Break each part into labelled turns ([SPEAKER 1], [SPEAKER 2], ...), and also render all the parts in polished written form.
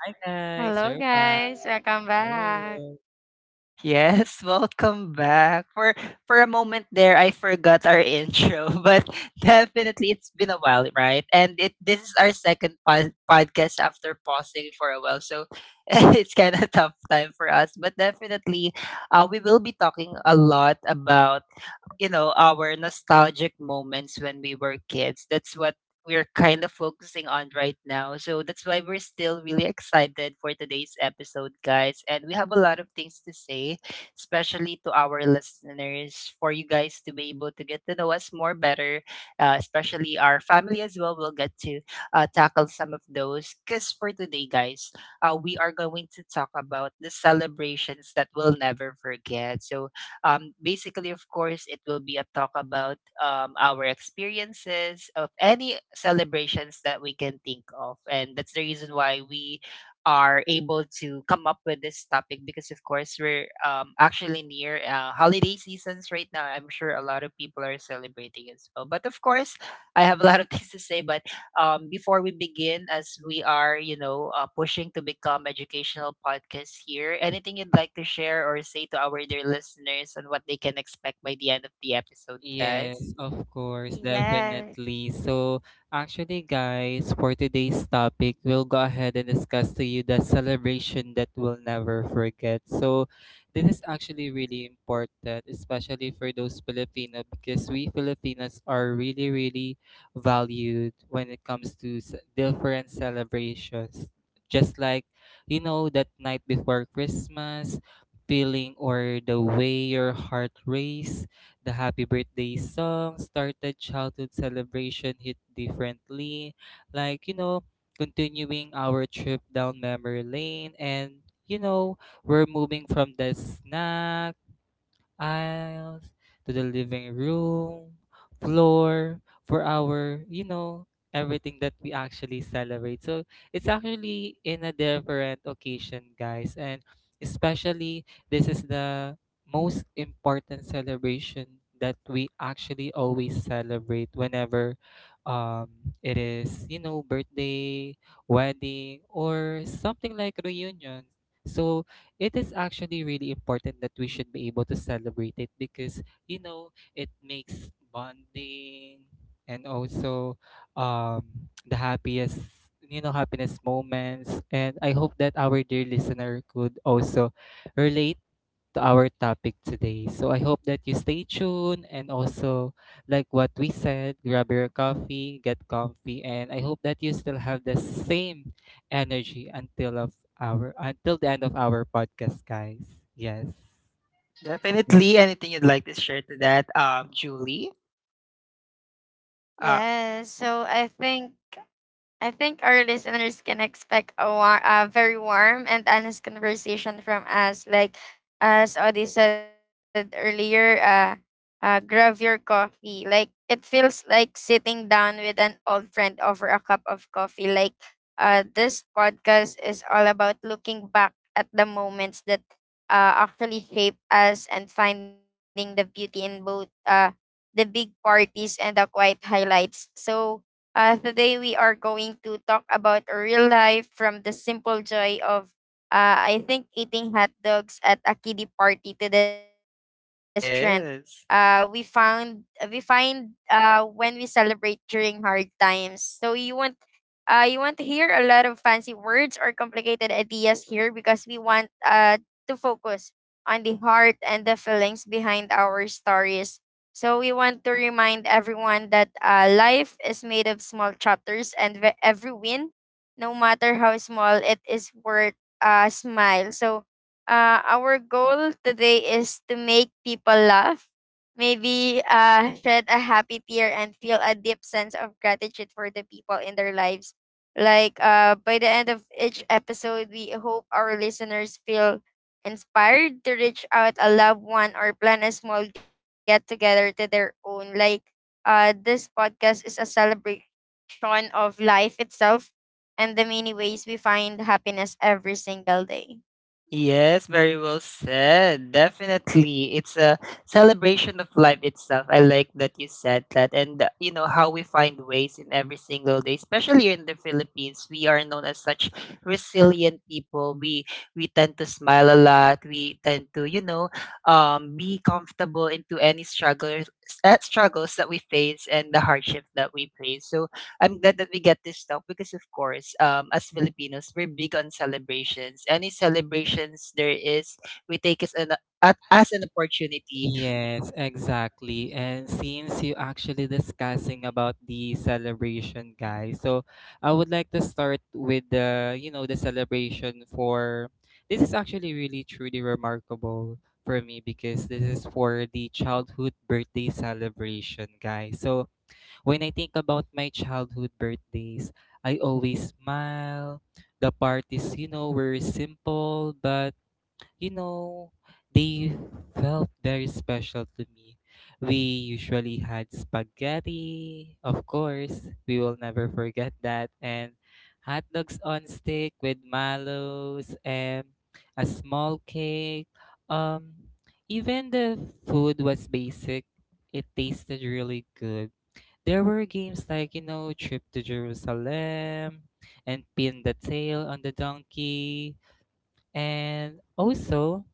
[SPEAKER 1] Hi guys,
[SPEAKER 2] Hello,
[SPEAKER 1] you're back.
[SPEAKER 2] guys. Welcome back.
[SPEAKER 1] Hello. Yes, of course,
[SPEAKER 2] Yes,
[SPEAKER 1] definitely. So, actually, guys, for today's topic, we'll go ahead and discuss to you the celebration that we'll never forget. So, this is actually really important, especially for those Filipino, because we Filipinos are really, really valued when it comes to different celebrations. Just like, that night before Christmas, feeling or the way your heart races the happy birthday song started childhood celebration hit differently. Like, continuing our trip down memory lane, and you know, we're moving from the snack aisles to the living room, floor, for our, everything that we actually celebrate. So it's actually in a different occasion, guys. And especially, this is the most important celebration that we actually always celebrate whenever um, it is, birthday, wedding, or something like reunion. So it is actually really important that we should be able to celebrate it because it makes bonding, and also um the happiest happiness moments. And I hope that our dear listener could also relate to our topic today. So I hope that you stay tuned, and also, like what we said, grab your coffee, get comfy, and I hope that you still have the same energy until the end of our podcast, guys. Yes. Yeah.
[SPEAKER 2] Yes. So I think our listeners can expect a very warm and honest conversation from us. Like, as Audie said earlier, grab your coffee. Like, it feels like sitting down with an old friend over a cup of coffee. Like, this podcast is all about looking back at the moments that actually shape us and finding the beauty in both the big parties and the quiet highlights. So, today we are going to talk about a real life from the simple joy of, I think, eating hot dogs at a kiddie party to the strength. We find when we celebrate during hard times. So you want to hear a lot of fancy words or complicated ideas here because we want to focus on the heart and the feelings behind our stories. So we want to remind everyone that life is made of small chapters, and every win, no matter how small, it is worth a smile. So our goal today is to make people laugh, maybe shed a happy tear, and feel a deep sense of gratitude for the people in their lives. Like by the end of each episode, we hope our listeners feel inspired to reach out a loved one or plan a small get together to their own. Like this podcast is a celebration of life itself and the many ways we find happiness every single day.
[SPEAKER 1] Yes, exactly. And since you actually discussing about the celebration, guys, so I would like to start with the celebration for this is actually really truly remarkable for me because this is for the childhood birthday celebration, guys. So when I think about my childhood birthdays, I always smile. The parties, were simple, but you know, they felt very special to me. We usually had spaghetti, of course. We will never forget that. And hot dogs on stick with mallows and a small cake. Um, Even the food was basic. It tasted really good. There were games like, Trip to Jerusalem and Pin the Tail on the Donkey. And also,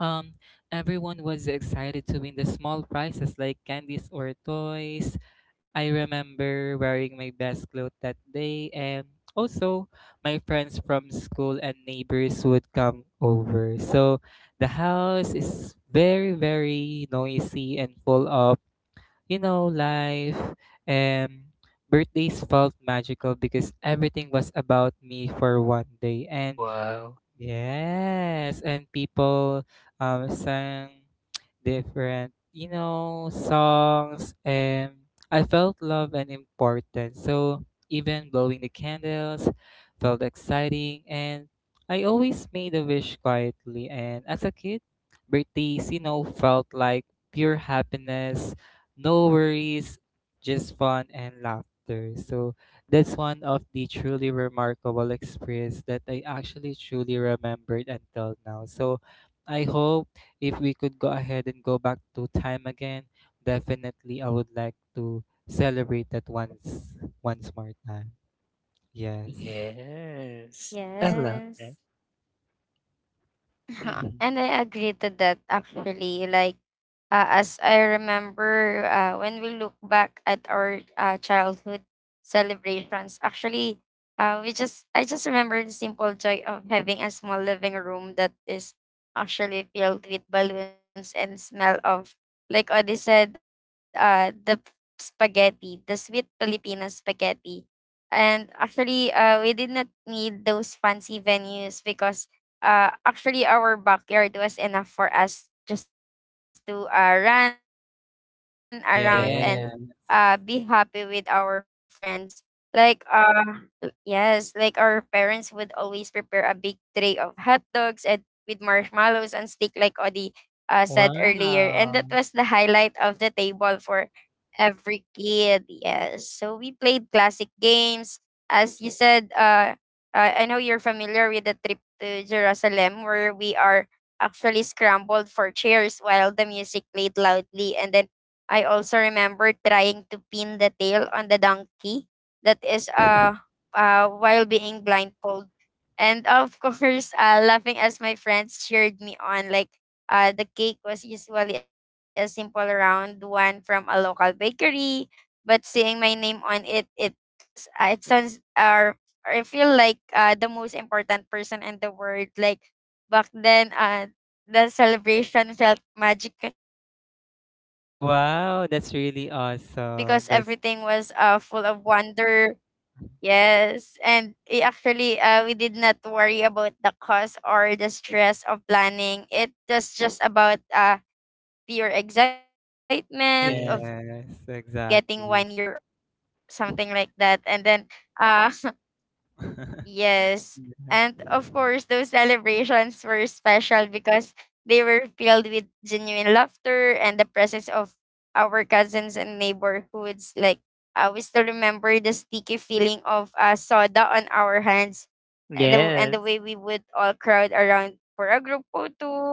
[SPEAKER 1] um, everyone was excited to win the small prizes like candies or toys. I remember wearing my best clothes that day, and also my friends from school and neighbors would come over. So the house is very, very noisy and full of, life. And birthdays felt magical because everything was about me for one day. And Yes, and people sang different, songs, and I felt love and importance. So even blowing the candles felt exciting, and I always made a wish quietly. And as a kid, birthdays, felt like pure happiness, no worries, just fun and laughter. So that's one of the truly remarkable experience that I actually truly remembered until now. So I hope if we could go ahead and go back to time again, definitely I would like to celebrate that once more time. Yes.
[SPEAKER 2] Yes. Uh-huh.
[SPEAKER 1] Mhm.
[SPEAKER 2] And I agree to that actually. Like, as I remember, when we look back at our childhood celebrations, actually, we just I just remember the simple joy of having a small living room that is actually filled with balloons and smell of, like Odi said, spaghetti, the sweet Filipino spaghetti. And actually, we did not need those fancy venues because actually our backyard was enough for us just to run around and be happy with our
[SPEAKER 1] Yeah.
[SPEAKER 2] friends. Like yes, like our parents would always prepare a big tray of hot dogs and with marshmallows and steak like Odi said earlier. And that was the highlight of the
[SPEAKER 1] Wow.
[SPEAKER 2] table for every kid. Yes. So we played classic games. As you said, I know you're familiar with the to Jerusalem, where we are actually scrambled for chairs while the music played loudly. And then I also remember trying to pin the tail on the donkey that is while being blindfolded. And of course, laughing as my friends cheered me on. Like, the cake was usually a simple round one from a local bakery, but seeing my name on it, it sounds I feel like the most important person in the world. Like back then, the celebration felt magical,
[SPEAKER 1] Wow,
[SPEAKER 2] because
[SPEAKER 1] that's really
[SPEAKER 2] everything was
[SPEAKER 1] awesome.
[SPEAKER 2] full of
[SPEAKER 1] That's
[SPEAKER 2] wonder. Yes, and it actually, we did not worry about the cost or the stress of planning. It was just about pure excitement of getting one year,
[SPEAKER 1] Yes,
[SPEAKER 2] something like that, and
[SPEAKER 1] exactly.
[SPEAKER 2] then. Uh, Yes. And of course, those
[SPEAKER 1] Yeah.
[SPEAKER 2] celebrations were special because they were filled with genuine laughter and the presence of our cousins and neighborhoods. Like, we still remember the sticky feeling of soda on our hands and the way we would all crowd around for a group photo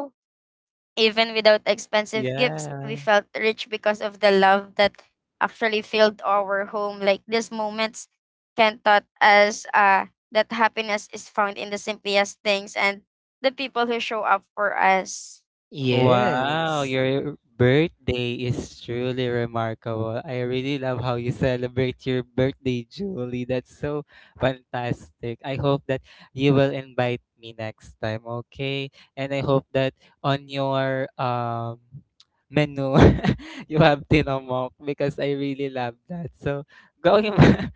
[SPEAKER 2] even without expensive gifts, we felt rich
[SPEAKER 1] Yeah.
[SPEAKER 2] because of the love that actually filled our home. Like these moments can taught us that happiness is found in the simplest things and the people who show up for us.
[SPEAKER 1] Wow, your birthday is truly remarkable. I really love how you celebrate your birthday, Julie. That's so fantastic. I hope that you will invite me next time, okay? And I hope that on your menu you have tinomok because I really love that. So going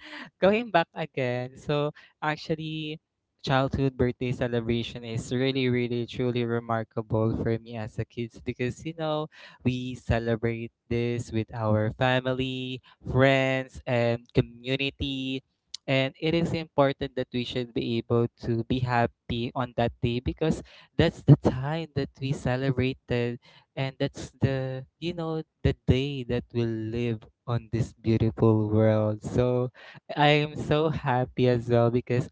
[SPEAKER 1] going back again. So actually childhood birthday celebration is really really truly remarkable for me as a kid because we celebrate this with our family, friends, and community. And it is important that we should be able to be happy on that day because that's the time that we celebrated, and that's the you know the day that we live on this beautiful world. So I am so happy as well because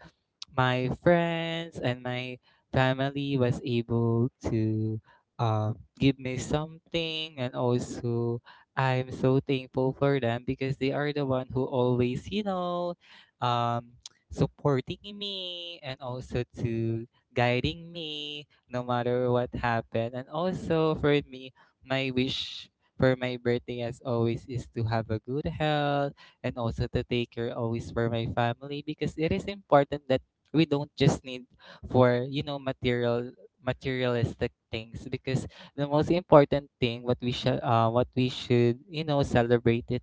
[SPEAKER 1] my friends and my family was able to uh, give me something. And also, I'm so thankful for them because they are the one who always um, supporting me and also to guiding me no matter what happened. And also, for me, my wish for my birthday as always is to have a good health and also to take care always for my family because it is important that we don't just need for materialistic things, because the most important thing, what we should celebrate it,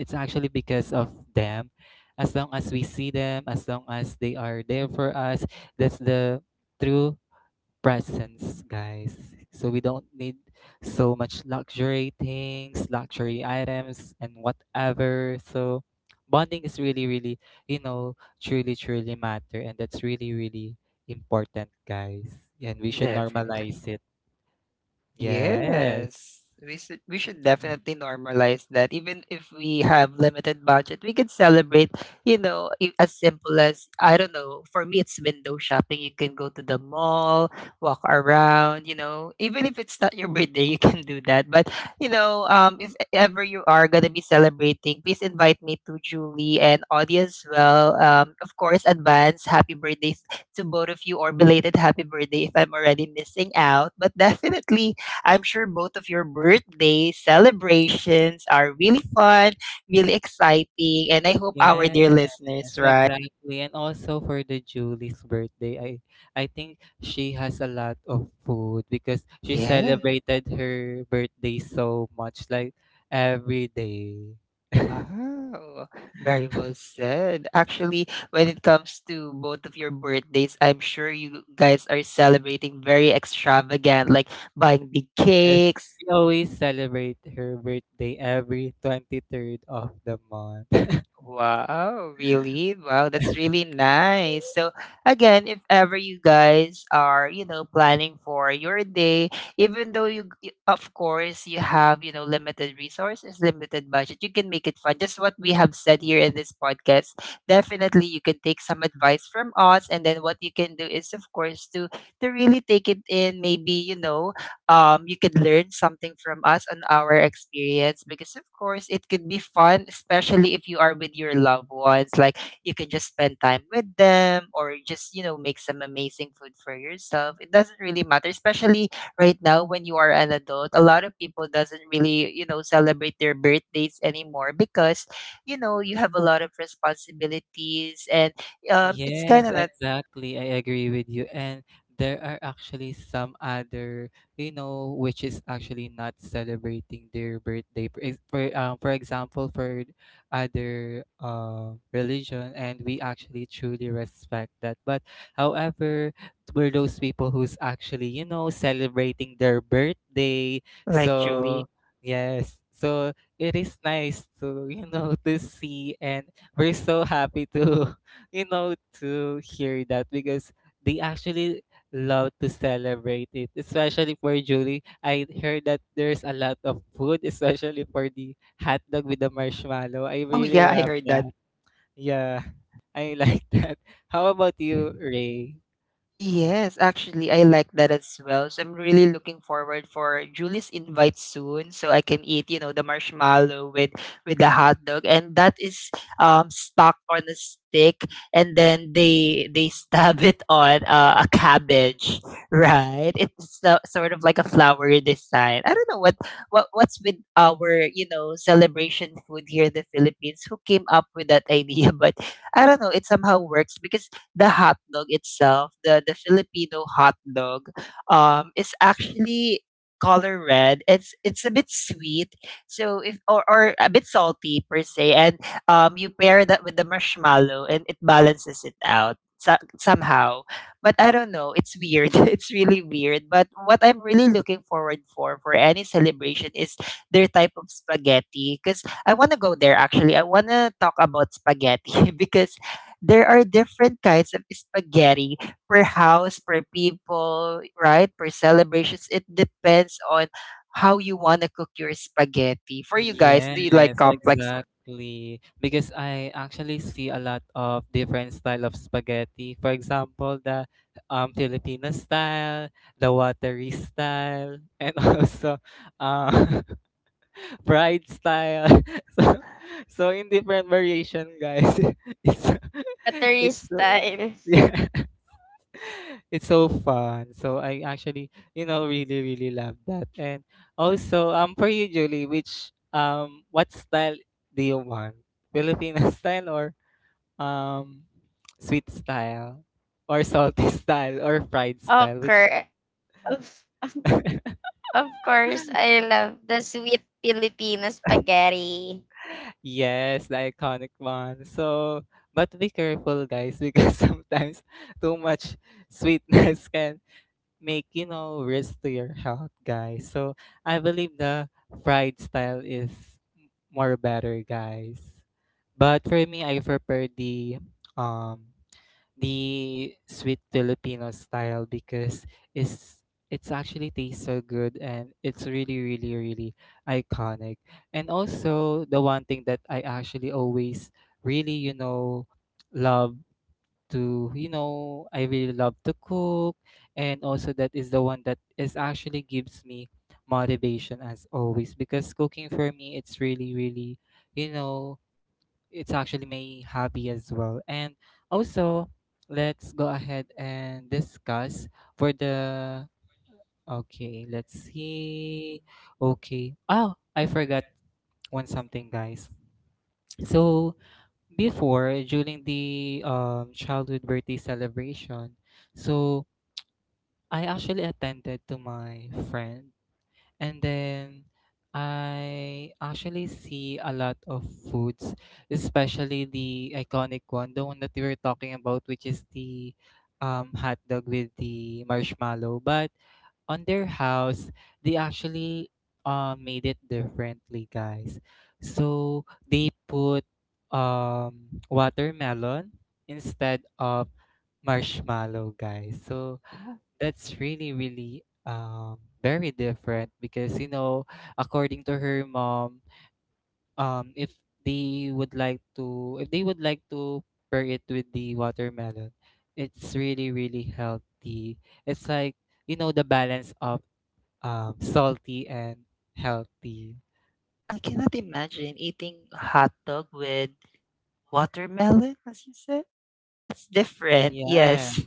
[SPEAKER 1] it's actually because of them. As long as we see them, as long as they are there for us, that's the true presents, guys. So we don't need so much luxury things, luxury items, and whatever. So bonding is really, really, you know, truly, truly matter, and that's really, really important, guys. And we should normalize it. Yes. Yes, exactly. And also for the Julie's birthday, I think she has a lot of food because she celebrated her birthday so much, like every day. Yes, she always celebrate her birthday every 23rd of the month. Yes, exactly. I agree with you. And there are actually some other, which is actually not celebrating their birthday. For example, for other religion, and we actually truly respect that. But however, we're those people who's actually, celebrating their birthday. So, yes. So it is nice to, see, and we're so happy to you know, to hear that because they actually love to celebrate it, especially for Julie. I heard that there's a lot of food, especially for the hot dog with the marshmallow. I really love that. Yeah, I like that. How about you, Ray? Yeah. Yes, exactly. Because I actually see a lot of different style of spaghetti. For example, the Filipino style, the watery style, and also uh, fried style. So, so, in different variation, guys.
[SPEAKER 2] What
[SPEAKER 1] It's
[SPEAKER 2] is watery
[SPEAKER 1] it's
[SPEAKER 2] style?
[SPEAKER 1] yeah, it's so fun. So I actually, really, really love that. And also, for you, Julie, which what style do you want? Filipino style, or um, sweet style, or salty style, or fried style? Which
[SPEAKER 2] Okay. Of, of course, I love the sweet Filipino spaghetti.
[SPEAKER 1] Yes, the iconic one. So, but be careful, guys, because sometimes too much sweetness can make risk to your health, guys. So I believe the fried style is more better, guys. But for me, I prefer the um sweet Filipino style because it's it's actually tastes so good, and it's really really really iconic. And also, the one thing that I actually always really love to, you know, I really love to cook. And also, that is the one that is actually gives me motivation as always because cooking for me, it's really, really, you know, it's actually my hobby as well. And also, let's go ahead and
[SPEAKER 3] And
[SPEAKER 1] discuss
[SPEAKER 3] discuss
[SPEAKER 1] for
[SPEAKER 3] whether
[SPEAKER 1] the.
[SPEAKER 3] okay
[SPEAKER 1] Okay, let's
[SPEAKER 3] let's
[SPEAKER 1] see.
[SPEAKER 3] okay
[SPEAKER 1] Okay. Oh,
[SPEAKER 3] oh
[SPEAKER 1] I
[SPEAKER 3] I
[SPEAKER 1] forgot
[SPEAKER 3] forgot
[SPEAKER 1] one
[SPEAKER 3] one
[SPEAKER 1] something,
[SPEAKER 3] something
[SPEAKER 1] guys.
[SPEAKER 3] else so
[SPEAKER 1] So, before
[SPEAKER 3] before
[SPEAKER 1] during the childhood birthday celebration. So I actually attended to my friend, and then I actually see a lot of foods, especially the iconic one, the one that we were talking about, which is the hot dog with the marshmallow. But on their house, they actually made it differently, guys. So they put watermelon instead of marshmallow, guys. So
[SPEAKER 3] Oh,
[SPEAKER 1] that's really, really very different because, according to her mom, if they would like to, if they would like to pair it with the watermelon, it's really, really healthy. It's like, the balance of salty and healthy.
[SPEAKER 3] I cannot imagine eating hot dog with watermelon, as you said. That's different.
[SPEAKER 1] Yeah.
[SPEAKER 3] Yes.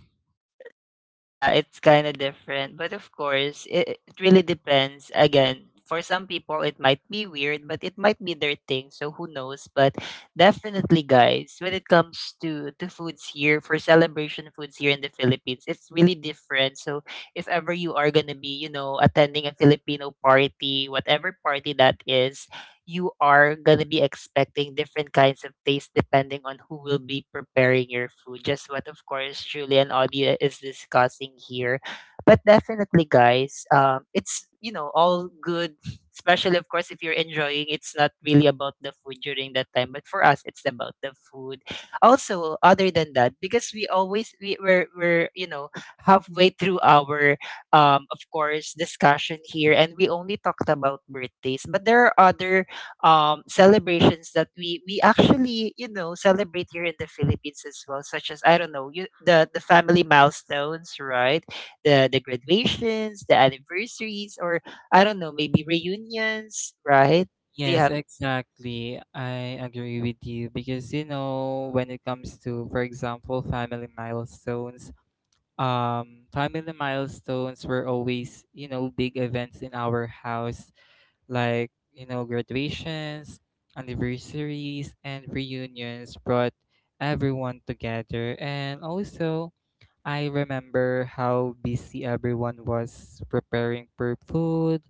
[SPEAKER 3] Yeah, it's kind of different. But of course, it really depends. Again, for some people, it might be weird, but it might be their thing. So who knows? But definitely, guys, when it comes to foods here, for celebration foods here in the Philippines, it's really different. So if ever you are going to be, you know, attending a Filipino party, whatever party that is, you are gonna be expecting different kinds of taste depending on who will be preparing your food. Just what, of course, Julie and Audia is discussing here. But definitely, guys, it's, you know, all good. Especially, of course, if you're enjoying, it's not really about the food during that time. But for us, it's about the food. Also, other than that, because we always we, we're you know halfway through our of course discussion here, and we only talked about birthdays, but there are other celebrations that we actually, you know, celebrate here in the Philippines as well, such as I don't know you, the family milestones, right? The graduations, the anniversaries, or I don't know, maybe reunions, right? Do you
[SPEAKER 1] Yes,
[SPEAKER 3] have
[SPEAKER 1] exactly. I agree with you because when it comes to, for example, family milestones were always big events in our house, like graduations, anniversaries, and reunions brought everyone together. And also, I remember how busy everyone was preparing for food.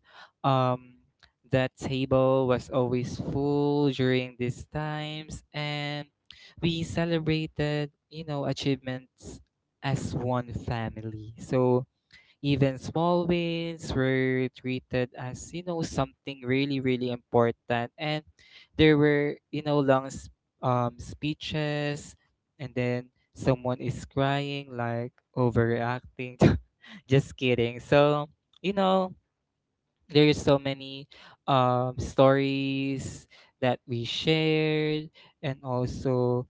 [SPEAKER 1] Um, the table was always full during these times, and we celebrated, achievements as one family. So even small wins were treated as, something really, really important. And there were, long speeches, and then someone is crying, like overreacting. Just kidding. So, you know, there is so many stories that we shared. And also,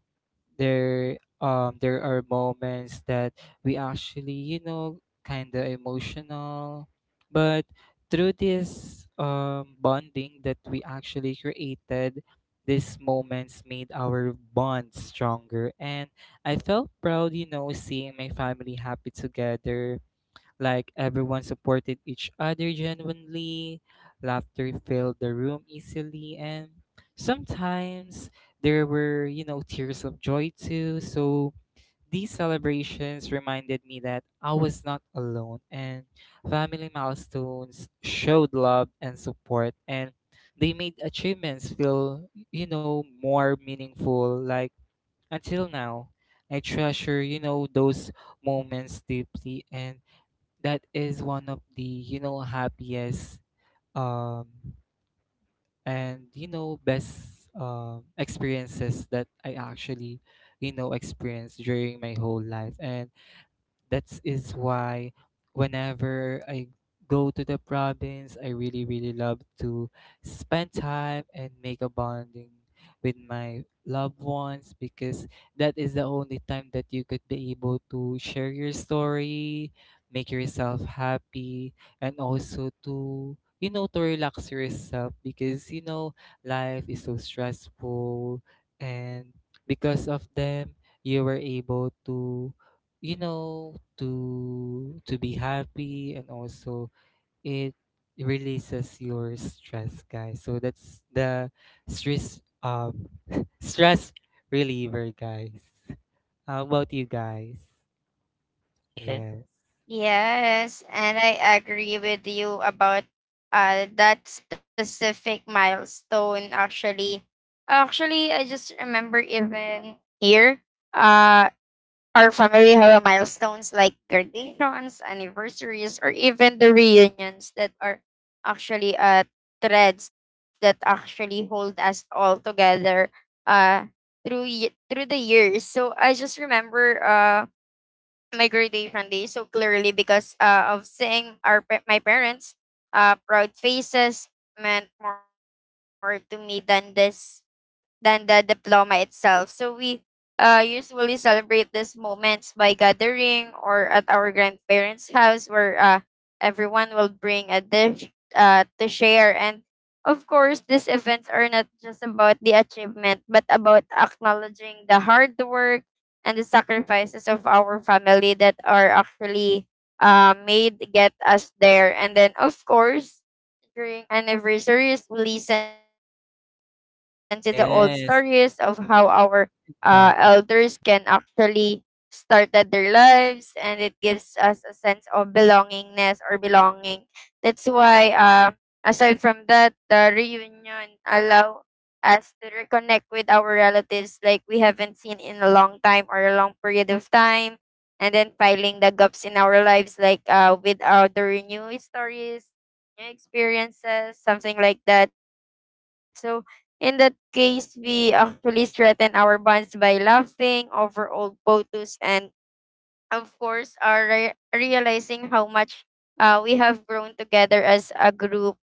[SPEAKER 1] there there are moments that we actually kind of emotional, but through this bonding that we actually created, these moments made our bond stronger, and I felt proud seeing my family happy together. Like everyone supported each other genuinely, laughter filled the room easily, and sometimes there were, tears of joy too. So these celebrations reminded me that I was not alone, and family milestones showed love and support, and they made achievements feel, more meaningful. Like until now, I treasure, you know, those moments deeply, and that is one of the happiest um and best experiences that I actually experienced during my whole life. And that is why whenever I go to the province, I really, really love to spend time and make a bonding with my loved ones, because that is the only time that you could be able to share your story, make yourself happy, and also to relax yourself, because life is so stressful. And because of them, you were able to be happy, and also it releases your stress, guys. So that's the stress stress reliever, guys. How about you guys?
[SPEAKER 3] yeah
[SPEAKER 1] Yes.
[SPEAKER 2] Yes, and I agree with you about that specific milestone actually. Actually, I just remember even here, uh our family have a milestones like graduations, anniversaries, or even the reunions that are actually threads that actually hold us all together uh through through the years. So I just remember my graduation day so clearly because of seeing my parents' proud faces meant more to me than this than the diploma itself. So we usually celebrate these moments by gathering or at our grandparents' house where everyone will bring a dish to share. And of course, these events are not just about the achievement, but about acknowledging the hard work and the sacrifices of our family that are actually made to get us there. And then, of course, during anniversaries, we listen to the old stories of how our
[SPEAKER 3] yes
[SPEAKER 1] Yes,
[SPEAKER 2] elders can
[SPEAKER 1] exactly.
[SPEAKER 2] actually started their lives, and it gives us a sense of belongingness or belonging. That's why, aside from that, the reunion allow us to reconnect with our relatives like we haven't seen in a long time or a long period of time and then filing the gaps in our lives like with the new stories new experiences, something like that. So in that case, we actually strengthen our bonds by laughing over old photos and of course, realizing how much we have grown together as a group.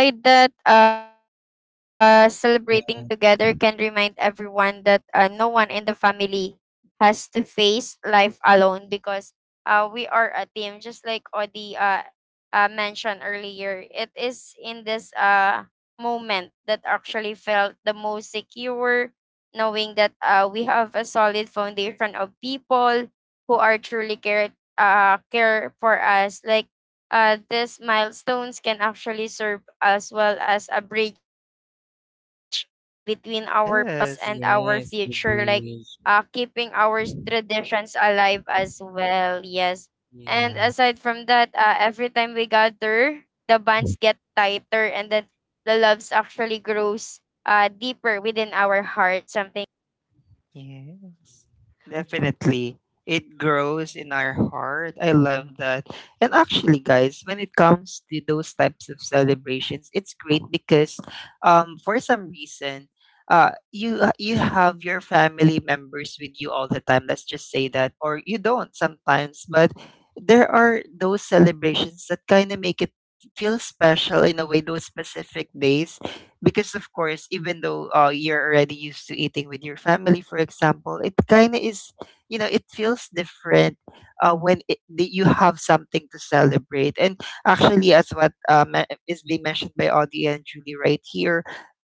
[SPEAKER 2] By that, celebrating together can
[SPEAKER 1] Yeah.
[SPEAKER 2] remind everyone that no one in the family has to face life alone because we are a team, just like Odi mentioned earlier. It is in this moment that actually felt the most secure, knowing that we have a solid foundation of people who are truly care for us. Like these milestones can actually serve as well as a bridge between our past and our future,
[SPEAKER 3] yes.
[SPEAKER 2] like
[SPEAKER 1] Yes, the
[SPEAKER 2] keeping our
[SPEAKER 1] bridge.
[SPEAKER 2] traditions alive as well. Yes. And aside from that,
[SPEAKER 1] Yeah.
[SPEAKER 2] every time we gather, the bonds get tighter and then the loves actually grows deeper within our heart. Something
[SPEAKER 3] Yes, definitely. It grows in our heart. I love that. And actually, guys, when it comes to those types of celebrations, it's great because, for some reason, you have your family members with you all the time. Let's just say that, or you don't sometimes. But there are those celebrations that kind of make it feel special in a way. Those specific days, because of course, even though you're already used to eating with your family, for example, it kind of is, you know, it feels different when that you have something to celebrate. And actually, as what is being mentioned by Audie and Julie right here,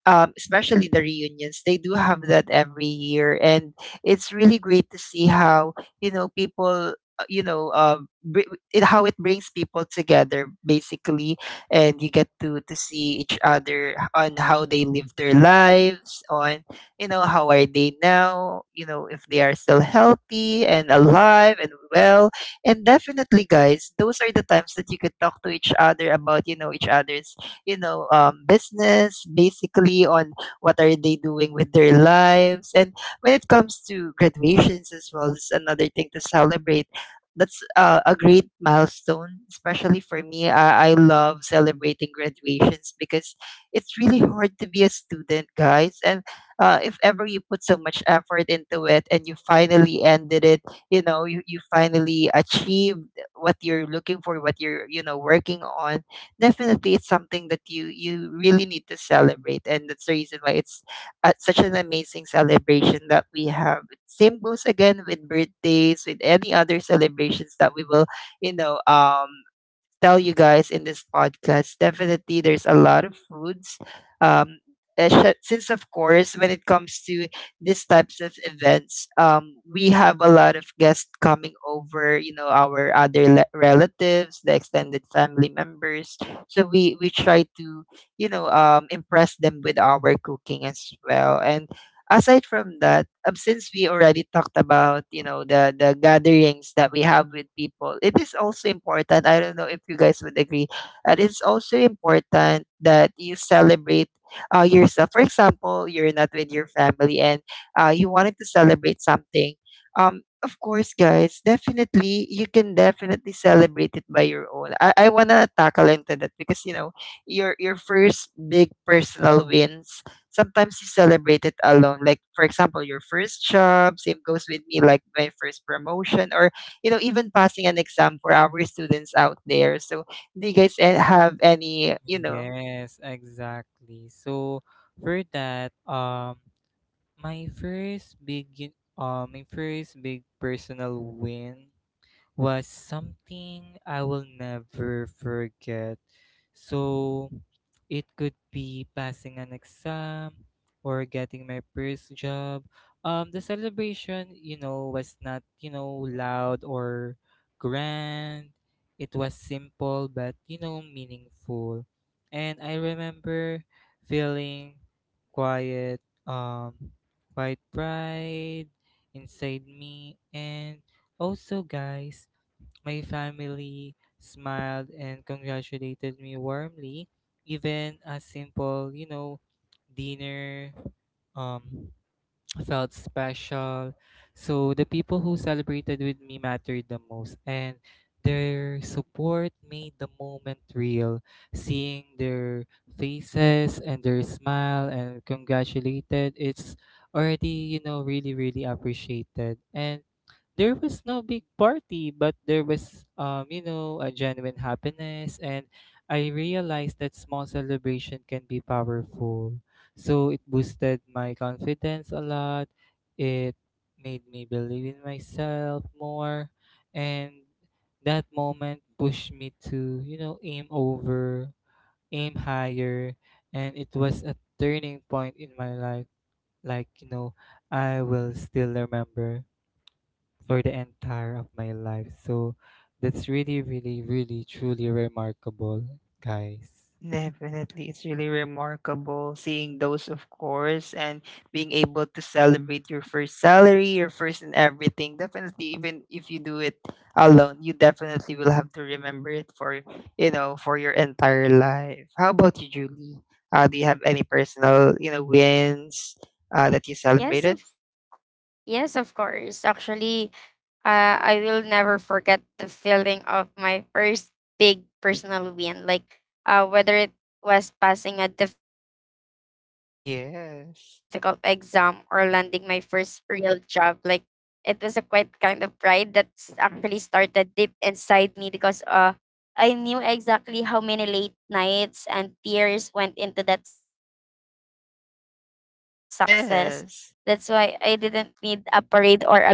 [SPEAKER 3] especially the reunions, they do have that every year, and it's really great to see how, you know, people, you know, how it brings people together, basically. And you get to see each other on how they live their lives, on you know how are they now, you know, if they are still healthy and alive and well. And definitely, guys, those are the times that you could talk to each other about, you know, each other's, you know, business, basically, on what are they doing with their lives. And when it comes to graduations as well, it's another thing to celebrate. That's a great milestone, especially for me. I love celebrating graduations because it's really hard to be a student, guys. And if ever you put so much effort into it and you finally ended it, you know, you finally achieved what you're looking for, what you're, you know, working on, definitely it's something that you really need to celebrate, and that's the reason why it's such an amazing celebration that we have. Same goes again with birthdays, with any other celebrations that we will, you know, um, tell you guys in this podcast. Definitely there's a lot of foods. Um, uh, since of course, when it comes to these types of events, we have a lot of guests coming over. You know, our other le- relatives, the extended family members. So we try to, you know, um, impress them with our cooking as well. And aside from that, since we already talked about, you know, the gatherings that we have with people, it is also important. I don't know if you guys would agree, that it's also important that you celebrate yourself. For example, you're not with your family and you wanted to celebrate something. Of course, guys, definitely you can definitely celebrate it by your own. I wanna tackle into that, because you know your first big personal wins, sometimes you celebrate it alone. Like, for example, your first job, same goes with me, like my first promotion, or, you know, even passing an exam for our students out there. So, do you guys have any, you know —
[SPEAKER 1] Yes, exactly. So for that, my first big my first big personal win was something I will never forget. So it could be passing an exam or getting my first job. The celebration, you know, was not, you know, loud or grand. It was simple but, you know, meaningful. And I remember feeling quiet, um, quiet pride inside me. And also, guys, my family smiled and congratulated me warmly. Even a simple, you know, dinner um, felt special. So the people who celebrated with me mattered the most, and their support made the moment real. Seeing their faces and their smile and congratulated, it's already, you know, really, really appreciated. And there was no big party, but there was, you know, a genuine happiness. And I realized that small celebration can be powerful. So it boosted my confidence a lot. It made me believe in myself more. And that moment pushed me to, you know, aim higher. And it was a turning point in my life. Like, you know, I will still remember for the entire of my life. So that's really, really, really, truly remarkable, guys.
[SPEAKER 3] definitely, it's really remarkable seeing those, of course, and being able to celebrate your first salary, your first and everything. Definitely, even if you do it alone, you definitely will have to remember it for, you know, for your entire life. How about you, Julie? Do you have any personal, you know,
[SPEAKER 2] yeah.
[SPEAKER 3] wins that you
[SPEAKER 2] Yes,
[SPEAKER 3] celebrated?
[SPEAKER 2] of Yes, of course. Actually, I will never forget the feeling of my first big personal win. Like, whether it was passing a difficult exam or landing my first
[SPEAKER 3] Yes.
[SPEAKER 2] real job, like, it was a quite kind of pride that's actually started deep inside me because I knew exactly how many late nights and tears went into that success. That's why I didn't need a parade or a
[SPEAKER 3] Yes.
[SPEAKER 2] big party to feel successful. But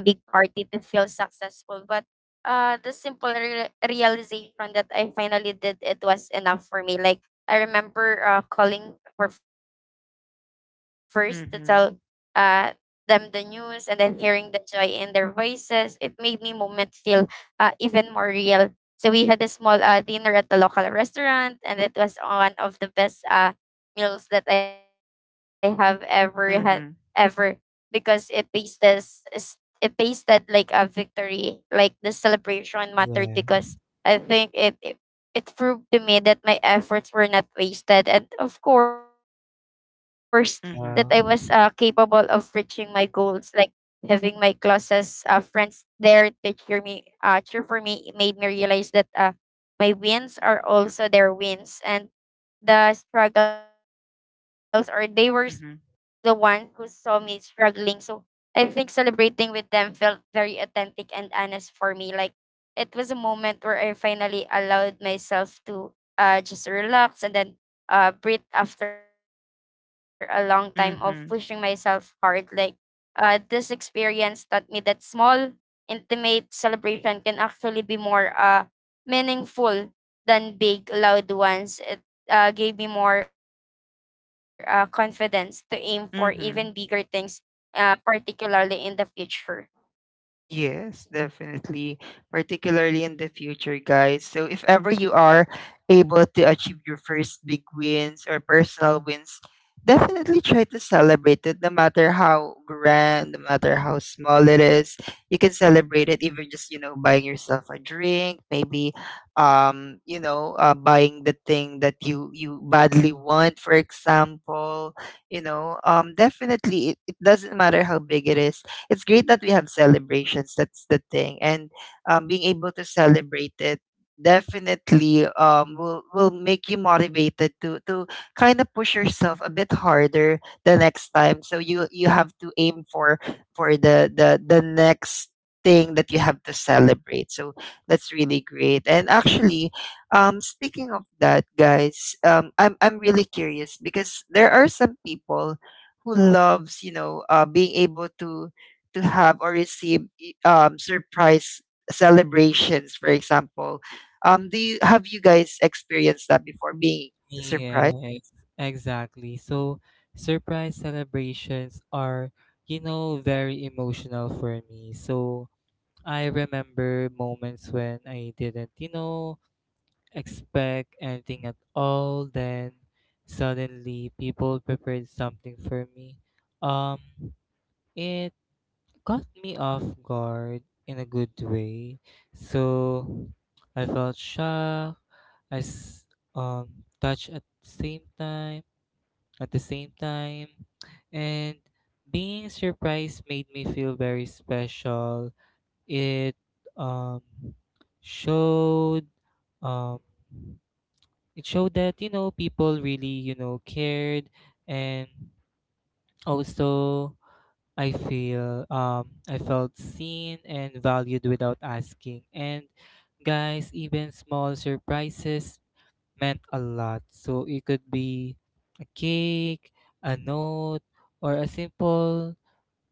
[SPEAKER 2] realization that I finally did it was enough for me. Like I remember calling for first to tell uh, them the
[SPEAKER 3] Mm-hmm.
[SPEAKER 2] news and then hearing the joy in their voices. It made me moment feel even more real so we had a small dinner at the local restaurant, and it was one of the best meals that I have ever had ever
[SPEAKER 3] Mm-hmm.
[SPEAKER 2] because is- it tasted like a victory, like the celebration mattered
[SPEAKER 1] Yeah.
[SPEAKER 2] because I think it proved to me that my efforts were not wasted, and of course that I was
[SPEAKER 3] Mm-hmm.
[SPEAKER 2] capable
[SPEAKER 1] Yeah.
[SPEAKER 2] of reaching my goals like having my closest friends there to cheer for me, made me realize that my wins are also their wins, and the struggles or they were the
[SPEAKER 3] Mm-hmm.
[SPEAKER 2] one who saw me struggling. So I think celebrating with them felt very authentic and honest for me. Like it was a moment where I finally allowed myself to just relax and then breathe after a long time of pushing myself
[SPEAKER 3] Mm-hmm.
[SPEAKER 2] hard. Like this experience taught me that small intimate celebration can actually be more meaningful than big loud ones. It gave me more confidence to aim for even bigger
[SPEAKER 3] Mm-hmm.
[SPEAKER 2] things, particularly in the future.
[SPEAKER 3] Yes, definitely, particularly in the future, guys. So, if ever you are able to achieve your first big wins or personal wins, definitely try to celebrate it, no matter how grand, no matter how small it is. You can celebrate it even just, you know, buying yourself a drink, maybe, you know, buying the thing that you badly want, for example. You know, definitely, it doesn't matter how big it is. It's great that we have celebrations. That's the thing. And being able to celebrate it definitely will make you motivated to kind of push yourself a bit harder the next time. So you have to aim for the next thing that you have to celebrate. So that's really great. And actually, speaking of that, guys, I'm really curious because there are some people who loves, you know, being able to have or receive surprise celebrations, for example. Do you, have you guys experienced that before being surprised?
[SPEAKER 1] Yes, exactly. So surprise celebrations are, you know, very emotional for me. So I remember moments when I didn't, you know, expect anything at all. Then suddenly people prepared something for me. Um, it caught me off guard in a good way. So I felt shocked. I s- um Touched at the same time. And being surprised made me feel very special. It um showed um it showed that, you know, people really, you know, cared. And also, I felt seen and valued without asking. And guys, even small surprises meant a lot. So it could be a cake, a note, or a simple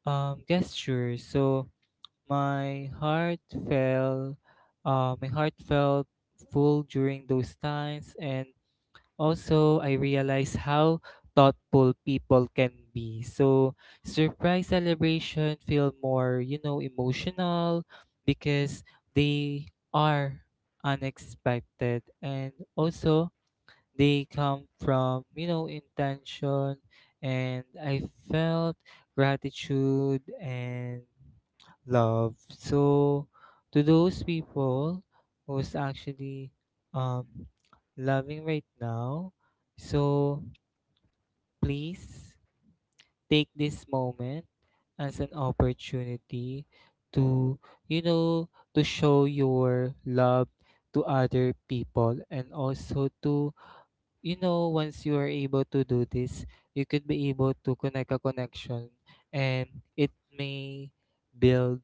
[SPEAKER 1] gesture. So my heart felt my heart felt full during those times. And also, I realized how thoughtful people can be. So surprise celebration feel more, you know, emotional because they are unexpected, and also they come from, you know, intention. And I felt gratitude and love. So to those people who's actually um loving right now, so please take this moment as an opportunity to, you know, to show your love to other people. And also, to you know, once you are able to do this, you could be able to connect a connection, and it may build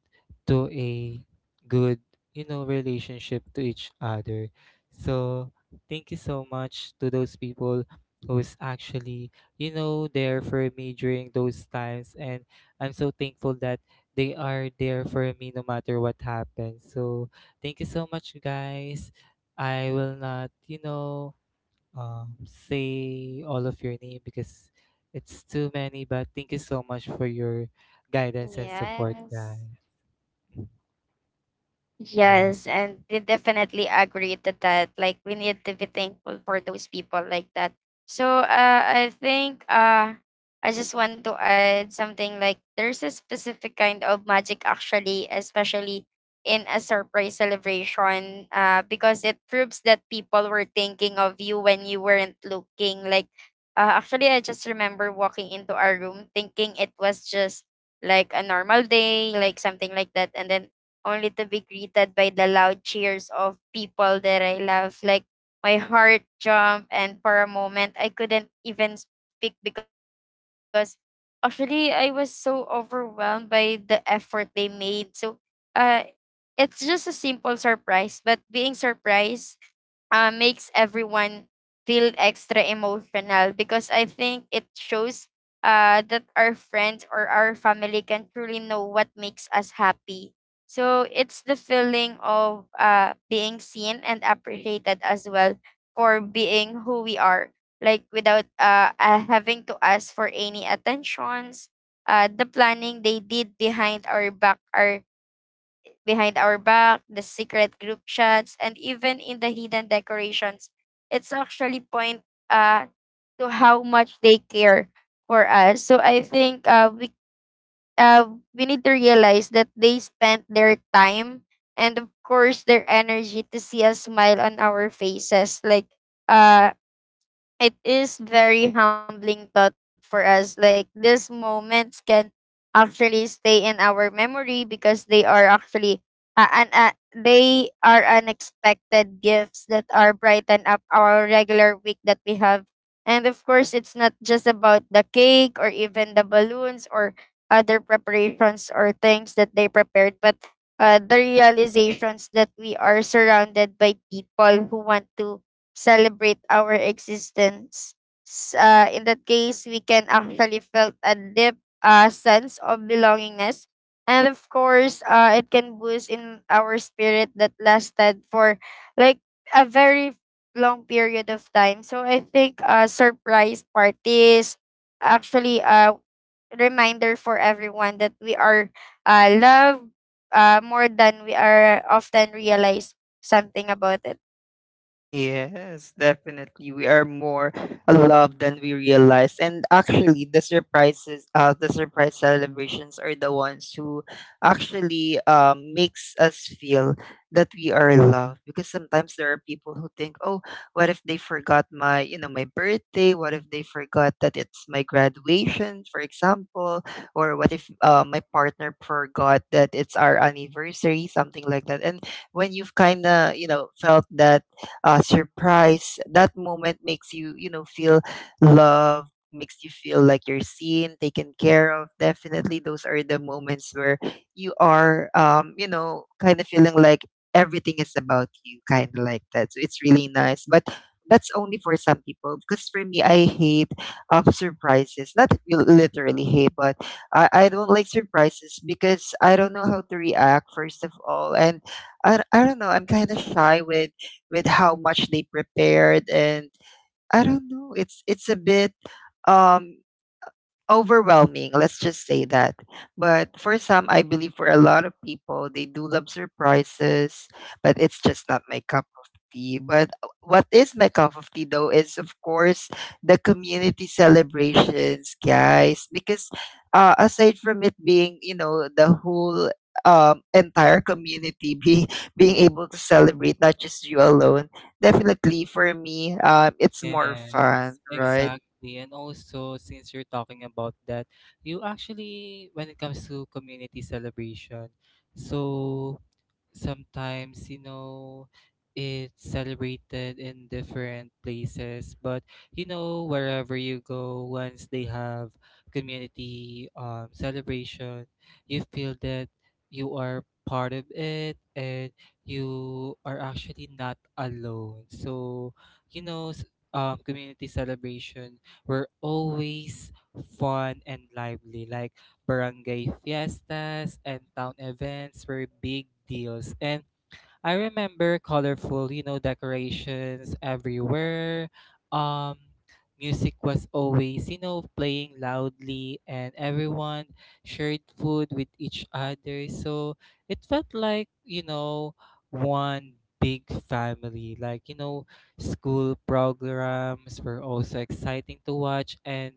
[SPEAKER 1] to a good, you know, relationship to each other. So thank you so much to those people who's actually, you know, there for me during those times. And I'm so thankful that they are there for me no matter what happens. So thank you so much, guys. I will not, you know, say all of your name because it's too many. But thank you so much for
[SPEAKER 2] Yes.
[SPEAKER 1] your guidance and support, guys.
[SPEAKER 2] Yes, and we
[SPEAKER 1] Yeah.
[SPEAKER 2] definitely agree to that. Like we need to be thankful for those people like that. So I just want to add something like there's a specific kind of magic actually, especially in a surprise celebration, because it proves that people were thinking of you when you weren't looking. Like actually, I just remember walking into our room thinking it was just like a normal day, like something like that, and then only to be greeted by the loud cheers of people that I love. Like my heart jumped, and for a moment, I couldn't even speak because actually I was so overwhelmed by the effort they made. So, uh, it's just a simple surprise, but being surprised makes everyone feel extra emotional because I think it shows that our friends or our family can truly know what makes us happy. So it's the feeling of being seen and appreciated as well for being who we are, like without having to ask for any attentions. The planning they did behind our back are behind our back, the secret group chats, and even in the hidden decorations. It's actually point uh to how much they care for us. So I think uh we need to realize that they spent their time and of course their energy to see a smile on our faces. Like uh it is very humbling thought for us, like these moments can actually stay in our memory because they are actually and they are unexpected gifts that are brighten up our regular week that we have. And of course it's not just about the cake or even the balloons or other preparations or things that they prepared, but the realizations that we are surrounded by people who want to celebrate our existence. In that case, we can actually felt a deep sense of belongingness. And of course, it can boost in our spirit that lasted for like a very long period of time. So I think surprise parties actually a reminder for everyone that we are loved more than we are often realize something about it.
[SPEAKER 3] Yes, definitely. We are more loved than we realize. And actually the surprises, the surprise celebrations are the ones who actually makes us feel that we are loved. Because sometimes there are people who think, oh, what if they forgot my, you know, my birthday? What if they forgot that it's my graduation, for example? Or what if my partner forgot that it's our anniversary, something like that. And when you've kinda, you know, felt that surprise, that moment makes you, you know, feel loved, makes you feel like you're seen, taken care of. Definitely, those are the moments where you are, you know, kind of feeling like everything is about you, kind of like that. So it's really nice. But that's only for some people, because for me, I hate surprises. Not li- literally hate, but I don't like surprises because I don't know how to react, first of all. And I don't know, I'm kind of shy with how much they prepared. And I don't know, it's a bit um overwhelming. Let's just say that. But for some, I believe for a lot of people, they do love surprises, but it's just not my cup of tea. But what is my cup of tea, though, is of course the community celebrations, guys, because aside from it being, you know, the whole entire community being being able to celebrate not just you alone, definitely for me it's more fun,
[SPEAKER 1] Yes,
[SPEAKER 3] right?
[SPEAKER 1] exactly. And also, since you're talking about that, you actually, when it comes to community celebration, so sometimes, you know, it's celebrated in different places, but you know, wherever you go, once they have community celebration, you feel that you are part of it and you are actually not alone. So you know s- community celebration were always fun and lively, like barangay fiestas and town events were big deals. And I remember colorful, you know, decorations everywhere. Um, music was always, you know, playing loudly, and everyone shared food with each other. So it felt like, you know, one big family. Like, you know, school programs were also exciting to watch, and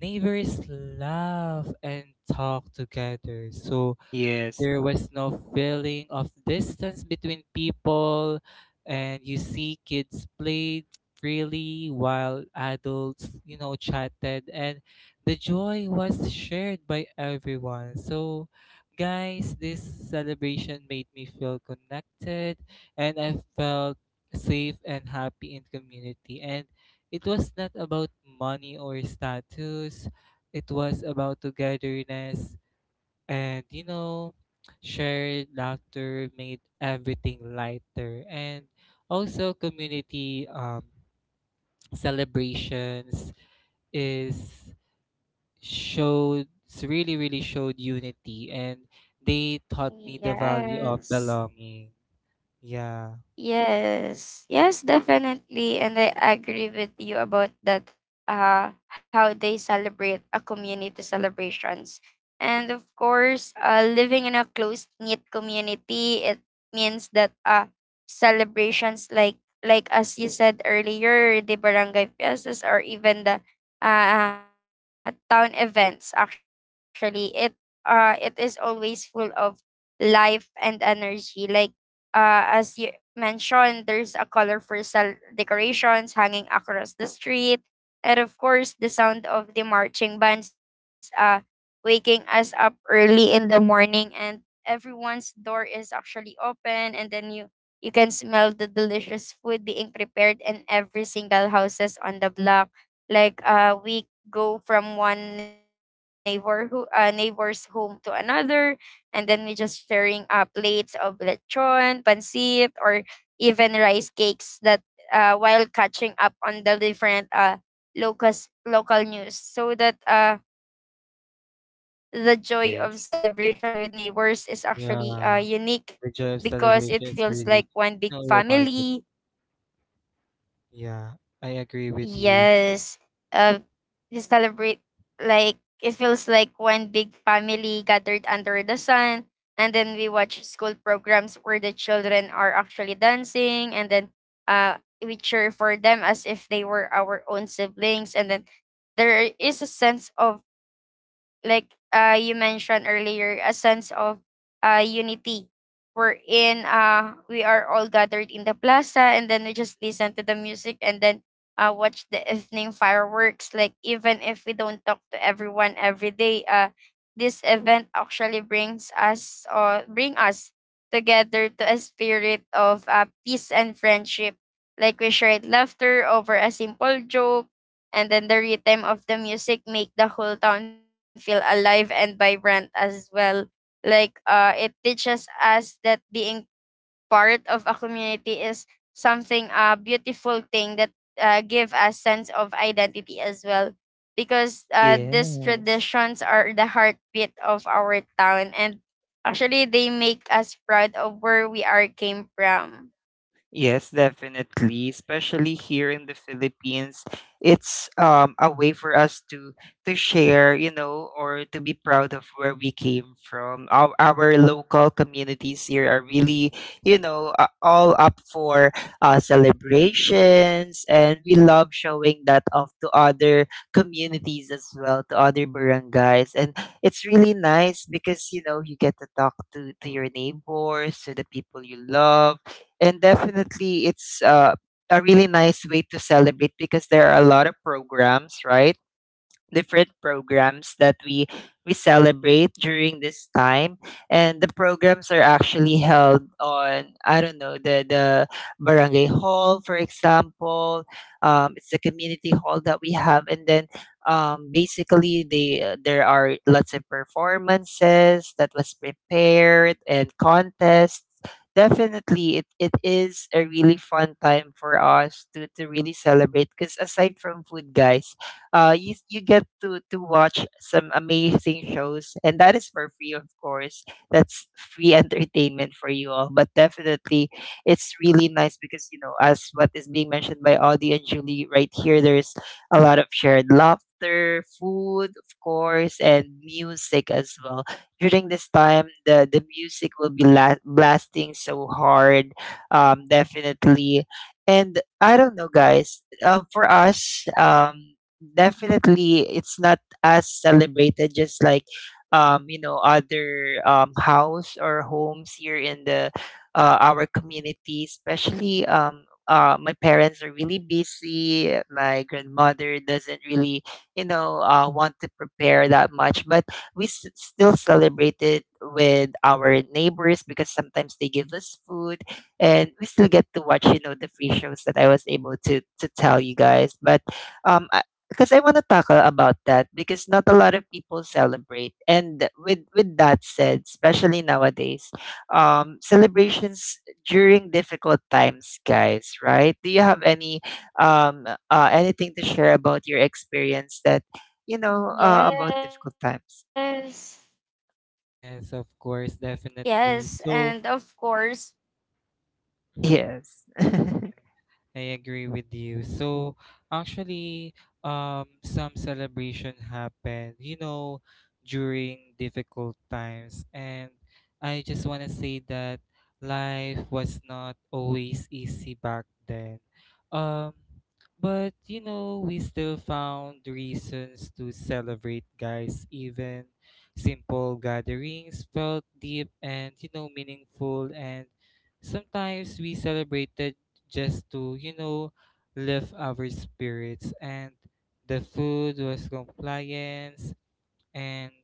[SPEAKER 1] neighbors laugh and talk together. So
[SPEAKER 3] Yes.
[SPEAKER 1] there was no feeling of distance between people, and you see kids played freely while adults, you know, chatted, and the joy was shared by everyone. So, guys, this celebration made me feel connected, and I felt safe and happy in community. And it was not about money or status, it was about togetherness. And you know, shared laughter made everything lighter. And also community celebrations is showed really, really showed unity, and they taught me the value of
[SPEAKER 2] Yes.
[SPEAKER 1] belonging. Yeah.
[SPEAKER 2] Yes, yes, definitely. And I agree with you about that, how they celebrate a community celebrations. And of course, living in a close knit community, it means that celebrations like as you said earlier, the barangay fiestas or even the town events. Actually, it it is always full of life and energy. Like as you mentioned, there's a colorful decorations hanging across the street, and of course, the sound of the marching bands waking us up early in the morning, and everyone's door is actually open, and then you can smell the delicious food being prepared in every single houses on the block. Like we go from one neighbor who neighbor's home to another, and then we just sharing plates of lechon, pancit, or even rice cakes that while catching up on the different local local news so that the joy of celebration with
[SPEAKER 3] Yes.
[SPEAKER 2] neighbors is actually unique
[SPEAKER 1] Yeah. The
[SPEAKER 2] because
[SPEAKER 1] joy
[SPEAKER 2] it
[SPEAKER 1] of
[SPEAKER 2] feels
[SPEAKER 1] celebration
[SPEAKER 2] like
[SPEAKER 1] is
[SPEAKER 2] one
[SPEAKER 1] really, you
[SPEAKER 2] big
[SPEAKER 1] know,
[SPEAKER 2] family.
[SPEAKER 1] remarkable. Yeah. I agree with you.
[SPEAKER 2] Yes. Uh, we celebrate, like it feels like one big family gathered under the sun. And then we watch school programs where the children are actually dancing, and then we cheer for them as if they were our own siblings. And then there is a sense of like you mentioned earlier a sense of unity. We're in we are all gathered in the plaza and then we just listen to the music and then watch the evening fireworks, like even if we don't talk to everyone every day, this event actually bring us together to a spirit of peace and friendship, like we shared laughter over a simple joke and then the rhythm of the music make the whole town feel alive and vibrant as well. Like it teaches us that being part of a community is something a beautiful thing that give us sense of identity as well, because these
[SPEAKER 3] Yes.
[SPEAKER 2] traditions are the heartbeat of our town, and actually they make us proud of where we are came from.
[SPEAKER 3] Yes, definitely. Especially here in the Philippines, it's a way for us to share, you know, or to be proud of where we came from. Our local communities here are really, you know, all up for celebrations, and we love showing that off to other communities as well, to other barangays. And it's really nice because you know you get to talk to your neighbors, to the people you love. And definitely it's a really nice way to celebrate, because there are a lot of programs, right? Different programs that we celebrate during this time, and the programs are actually held on, I don't know, the barangay hall, for example. Um, it's the community hall that we have. And then basically they there are lots of performances that was prepared, and contests. Definitely it is a really fun time for us to really celebrate, because aside from food, guys, you you get to watch some amazing shows, and that is for free, of course. That's free entertainment for you all. But definitely it's really nice because, you know, as what is being mentioned by Audie and Julie right here, there's a lot of shared laughter, food, of course, and music as well. During this time, the music will be la- blasting so hard, definitely. And I don't know, guys. For us, definitely it's not as celebrated just like other house or homes here in the our community, especially my parents are really busy, my grandmother doesn't really want to prepare that much, but we still celebrate it with our neighbors because sometimes they give us food, and we still get to watch the free shows that I was able to tell you guys. But um, I, because I want to talk about that because not a lot of people celebrate. And with that said, especially nowadays, celebrations during difficult times, guys. Right? Do you have any um anything to share about your experience that you know about difficult times?
[SPEAKER 2] Yes,
[SPEAKER 1] Yes, of course,
[SPEAKER 2] yes, and
[SPEAKER 1] definitely.
[SPEAKER 2] of
[SPEAKER 1] So
[SPEAKER 2] course.
[SPEAKER 3] Yes.
[SPEAKER 1] I agree with you. So actually, some celebration happened, you know, during difficult times, and I just want to say that life was not always easy back then. Um, but you know, we still found reasons to celebrate, guys. Even simple gatherings felt deep and, you know, meaningful. And sometimes we celebrated just to, you know, lift our spirits. And the food was compliance. And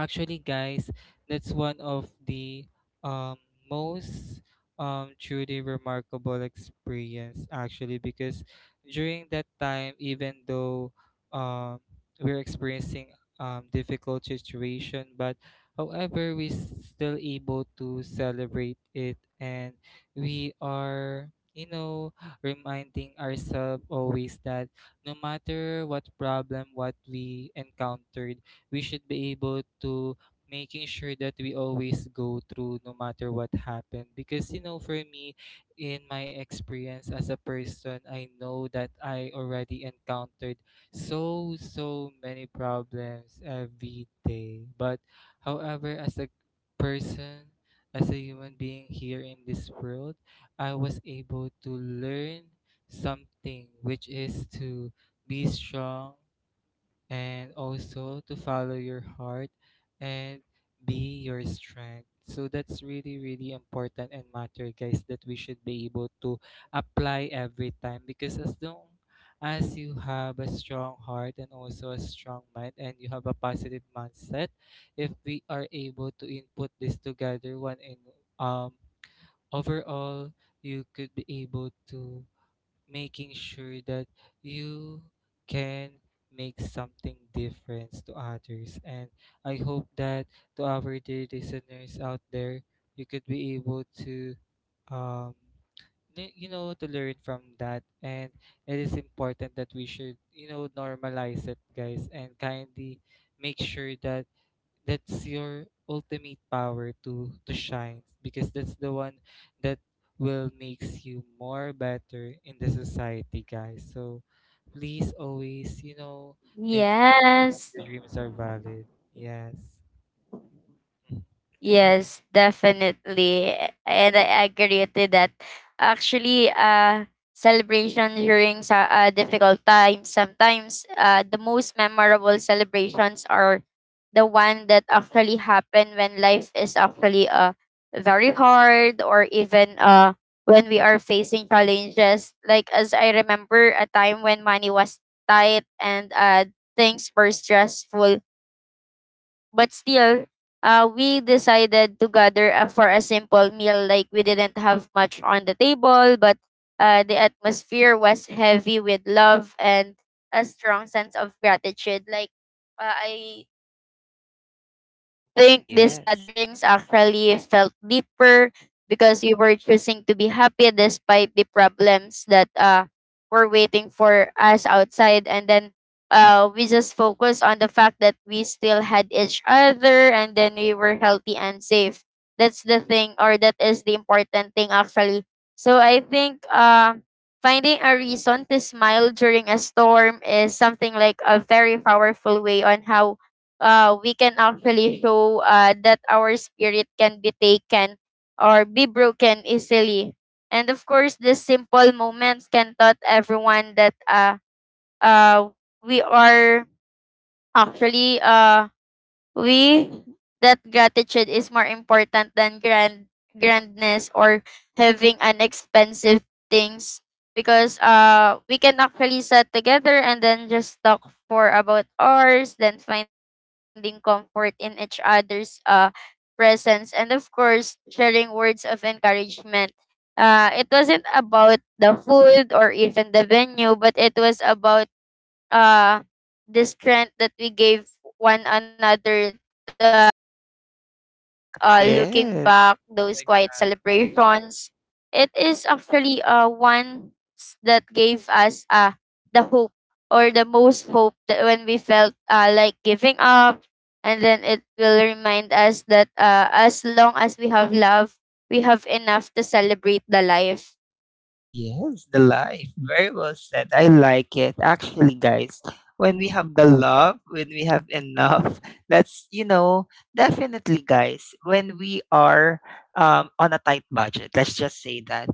[SPEAKER 1] actually, guys, that's one of the um, most truly remarkable experience, actually, because during that time, even though, um, we're experiencing, difficult situation, but however, we still able to celebrate it. And we are, you know, reminding ourselves always that no matter what problem, what we encountered, we should be able to making sure that we always go through no matter what happened. Because you know, for me, in my experience as a person, I know that I already encountered so many problems every day. But however, as a person, as a human being here in this world, I was able to learn something, which is to be strong and also to follow your heart and be your strength. So that's really, really important and matter, guys, that we should be able to apply every time. Because as long as you have a strong heart and also a strong mind, and you have a positive mindset, if we are able to input this together one in um overall, you could be able to making sure that you can make something difference to others. And I hope that to our dear listeners out there, you could be able to um you know, to learn from that. And it is important that we should, you know, normalize it, guys. And kindly make sure that that's your ultimate power to shine, because that's the one that will makes you more better in the society, guys. So please, always, you know, making sure that
[SPEAKER 2] Yes,
[SPEAKER 1] your dreams are valid. Yes. Mhm.
[SPEAKER 2] yes, definitely. And I agree to that. Actually, celebration during sa difficult times, sometimes the most memorable celebrations are the one that actually happen when life is actually very hard or even when we are facing challenges. Like, as I remember a time when money was tight and things were stressful, but still we decided to gather for a simple meal. Like we didn't have much on the table, but the atmosphere was heavy with love and a strong sense of gratitude. Like I think these
[SPEAKER 3] Yes.
[SPEAKER 2] gatherings actually felt deeper because we were choosing to be happy despite the problems that were waiting for us outside, and then we just focused on the fact that we still had each other and then we were healthy and safe. That's the thing, or that is the important thing actually. So I think finding a reason to smile during a storm is something like a very powerful way on how we can actually show that our spirit can be taken or be broken easily. And of course, the simple moments can taught everyone that uh we are actually we that gratitude is more important than grandness or having an expensive things, because we can actually sit together and then just talk for about hours, then finding comfort in each other's presence, and of course sharing words of encouragement. It wasn't about the food or even the venue, but it was about uh the strength that we gave one another to keep going. Like looking back those
[SPEAKER 3] Yes.
[SPEAKER 2] quiet
[SPEAKER 1] Exactly.
[SPEAKER 2] celebrations, it is actually one that gave us the hope or the most hope, that when we felt like giving up, and then it will remind us that as long as we have love, we have enough to celebrate the life.
[SPEAKER 3] Yes, the life. Very well said. I like it. Actually, guys, when we have the love, when we have enough, that's, you know, definitely, guys, when we are on a tight budget, let's just say that.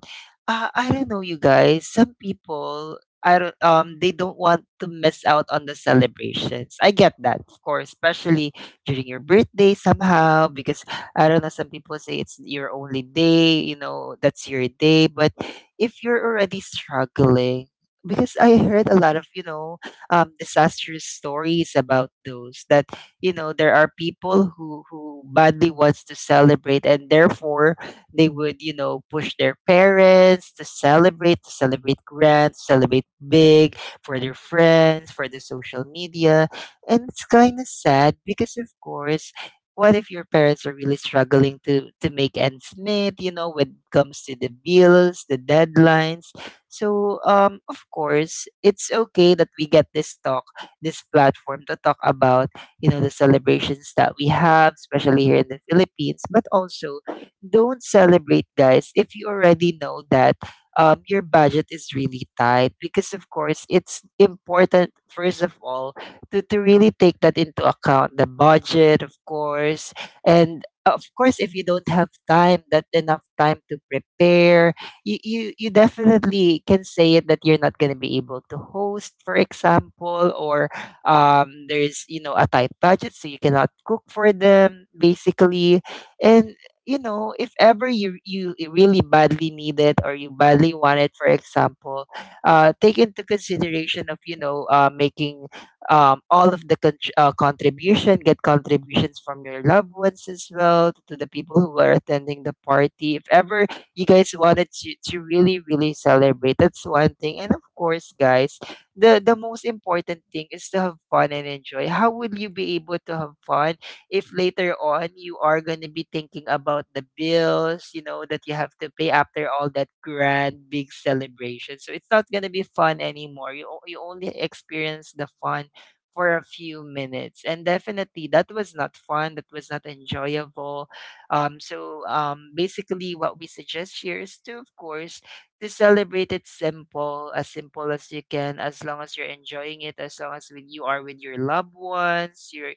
[SPEAKER 3] I don't know, you guys, some people. I don't, they don't want to miss out on the celebrations. I get that, of course, especially during your birthday somehow, because I don't know, some people say it's your only day, you know, that's your day, but if you're already struggling. Because I heard a lot of, disastrous stories about those that, you know, there are people who badly wants to celebrate, and therefore they would, you know, push their parents to celebrate, to celebrate grand, celebrate big, for their friends, for the social media. And it's kind of sad because, of course, what if your parents are really struggling to make ends meet, you know, when it comes to the bills, the deadlines? So of course it's okay that we get this talk, this platform, to talk about, you know, the celebrations that we have, especially here in the Philippines. But also, don't celebrate, guys, if you already know that your budget is really tight, because of course it's important, first of all, to really take that into account, the budget, of course. And of course, if you don't have time, that enough time to prepare, you definitely can say it that you're not going to be able to host, for example, or there's, you know, a tight budget, so you cannot cook for them, basically. And, you know, if ever you really badly need it or you badly want it, for example, take into consideration of, you know, making all of the contr- contribution get contributions from your loved ones as well, to the people who are attending the party, if ever you guys wanted to really really celebrate. That's one thing. And of course, guys, the most important thing is to have fun and enjoy. How will you be able to have fun if later on you are going to be thinking about the bills, you know, that you have to pay after all that grand big celebration? So it's not going to be fun anymore. You only experience the fun for a few minutes. And definitely that was not fun. That was not enjoyable. So basically what we suggest here is to, of course, to celebrate it simple as you can, as long as you're enjoying it, as long as when you are with your loved ones, your,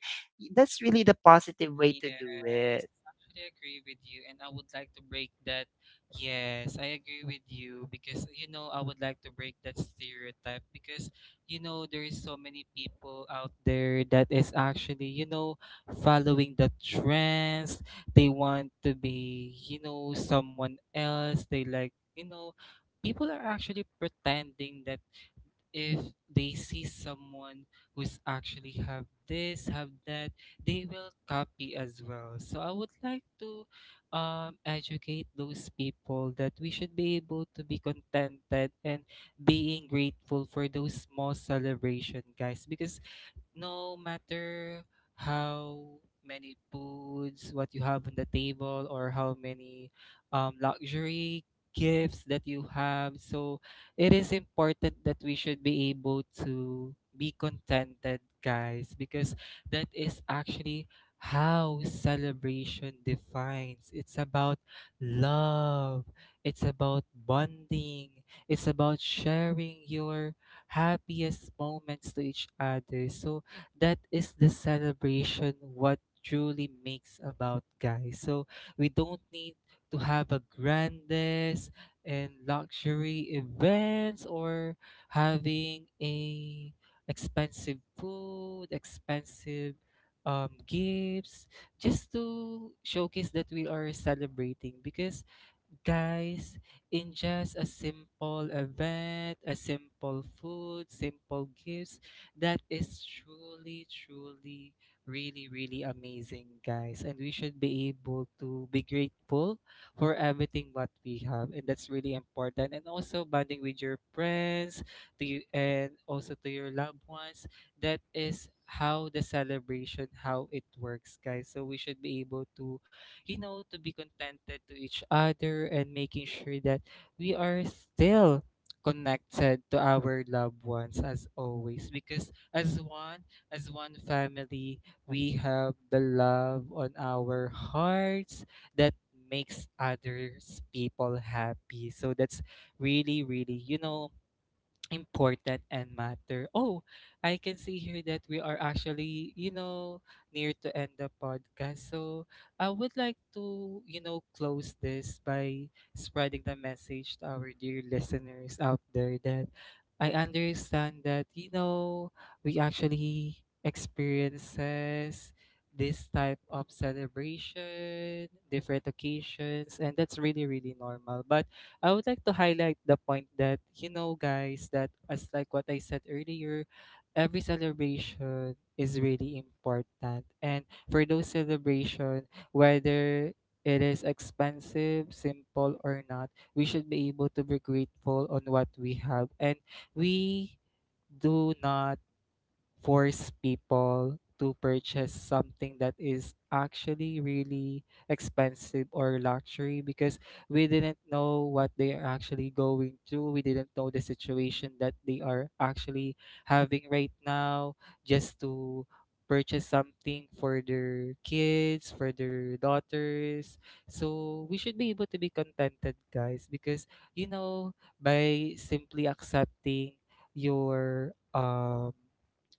[SPEAKER 3] that's really the positive way to do
[SPEAKER 1] Yes,
[SPEAKER 3] it.
[SPEAKER 1] I actually agree with you, and I would like to break that. Yes, I agree with you, because you know, I would like to break that stereotype. Because you know, there is so many people out there that is actually, you know, following the trends. They want to be, you know, someone else. They like, you know, people are actually pretending that if they see someone who's actually have this, have that, they will copy as well. So I would like to, educate those people that we should be able to be contented and being grateful for those small celebration, guys. Because no matter how many foods what you have on the table, or how many, luxury gifts that you have, so it is important that we should be able to be contented, guys. Because that is actually how celebration defines. It's about love, it's about bonding, it's about sharing your happiest moments to each other. So that is the celebration what truly makes about, guys. So we don't need to have a grandest and luxury events, or having a expensive food, expensive, um, gifts just to showcase that we are celebrating. Because guys, in just a simple event, a simple food, simple gifts, that is truly, truly, really, really amazing, guys. And we should be able to be grateful for everything what we have. And that's really important. And also bonding with your friends to you, and also to your loved ones. That is how the celebration, how it works, guys. So we should be able to, you know, to be contented to each other, and making sure that we are still connected to our loved ones as always. Because as one, as one family, we have the love on our hearts that makes others people happy. So that's really, really, you know, important and matter. Oh, I can see here that we are actually, you know, near to end the podcast. So I would like to, you know, close this by spreading the message to our dear listeners out there that I understand that, you know, we actually experiences this type of celebration, different occasions, and that's really, really normal. But I would like to highlight the point that, you know, guys, that as like what I said earlier, every celebration is really important. And for those celebration, whether it is expensive, simple or not, we should be able to be grateful on what we have. And we do not force people to purchase something that is actually really expensive or luxury, because we didn't know what they are actually going through. We didn't know the situation that they are actually having right now just to purchase something for their kids, for their daughters. So we should be able to be contented, guys. Because you know, by simply accepting your um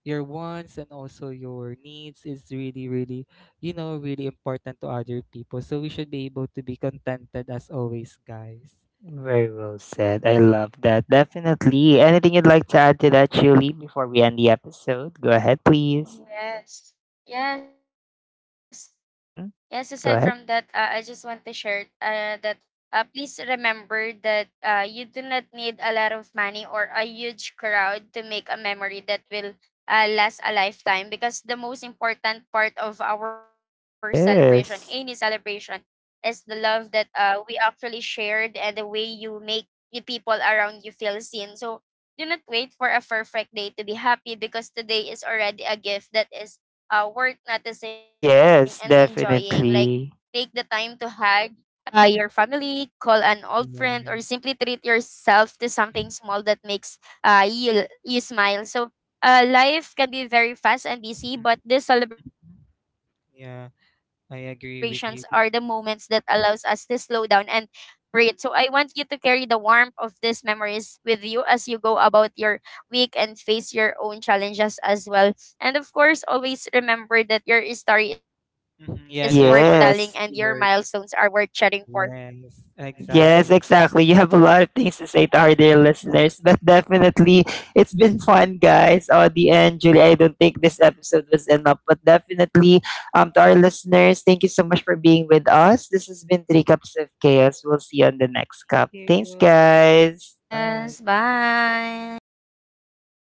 [SPEAKER 1] your wants and also your needs is really, really, you know, really important to other people. So we should be able to be contented as always, guys.
[SPEAKER 3] Very well said. I love that. Definitely. Anything you'd like to add to that, Julie, before we end the episode? Go ahead, please.
[SPEAKER 2] Yes, yes. Yes, aside from that,
[SPEAKER 3] Mm-hmm.
[SPEAKER 2] I just
[SPEAKER 3] Go
[SPEAKER 2] want to
[SPEAKER 3] ahead.
[SPEAKER 2] share that please remember that you do not need a lot of money or a huge crowd to make a memory that will last a lifetime, because the most important part of our celebration, any celebration,
[SPEAKER 3] Yes.
[SPEAKER 2] is the love that we actually shared and the way you make the people around you feel seen. So do not wait for a perfect day to be happy because today is already a gift that is worth noticing and enjoying. Like,
[SPEAKER 3] Yes,
[SPEAKER 2] take the time to
[SPEAKER 3] definitely.
[SPEAKER 2] hug your family, call an old friend, or simply
[SPEAKER 1] Yes.
[SPEAKER 2] treat yourself to something small that makes you smile. So, life can be very fast and
[SPEAKER 1] Mhm.
[SPEAKER 2] busy, but these celebrations are the
[SPEAKER 1] Yeah,
[SPEAKER 2] moments that
[SPEAKER 1] I
[SPEAKER 2] allows us
[SPEAKER 1] agree
[SPEAKER 2] to
[SPEAKER 1] with you.
[SPEAKER 2] slow down and breathe. So I want you to carry the warmth of these memories with you as you go about your weak and face your own challenges as well. And of course, always remember that your story is worth telling and
[SPEAKER 1] Mhm.
[SPEAKER 2] your
[SPEAKER 1] Yes, your story
[SPEAKER 2] milestones
[SPEAKER 1] is
[SPEAKER 2] are
[SPEAKER 3] Yes.
[SPEAKER 2] worth
[SPEAKER 1] really worth.
[SPEAKER 2] chatting for.
[SPEAKER 1] Yes,
[SPEAKER 3] Yes,
[SPEAKER 1] exactly.
[SPEAKER 3] exactly. You have a lot of things to say to our dear listeners, but definitely it's been fun, guys. Audie and Julie, I don't think this episode was enough, but definitely, to our listeners, thank you so much for being with us. This has been Three Cups of Chaos. We'll see you on the next cup.
[SPEAKER 1] Thank
[SPEAKER 3] Thanks,
[SPEAKER 1] you.
[SPEAKER 3] guys.
[SPEAKER 1] Bye.
[SPEAKER 2] Yes, bye.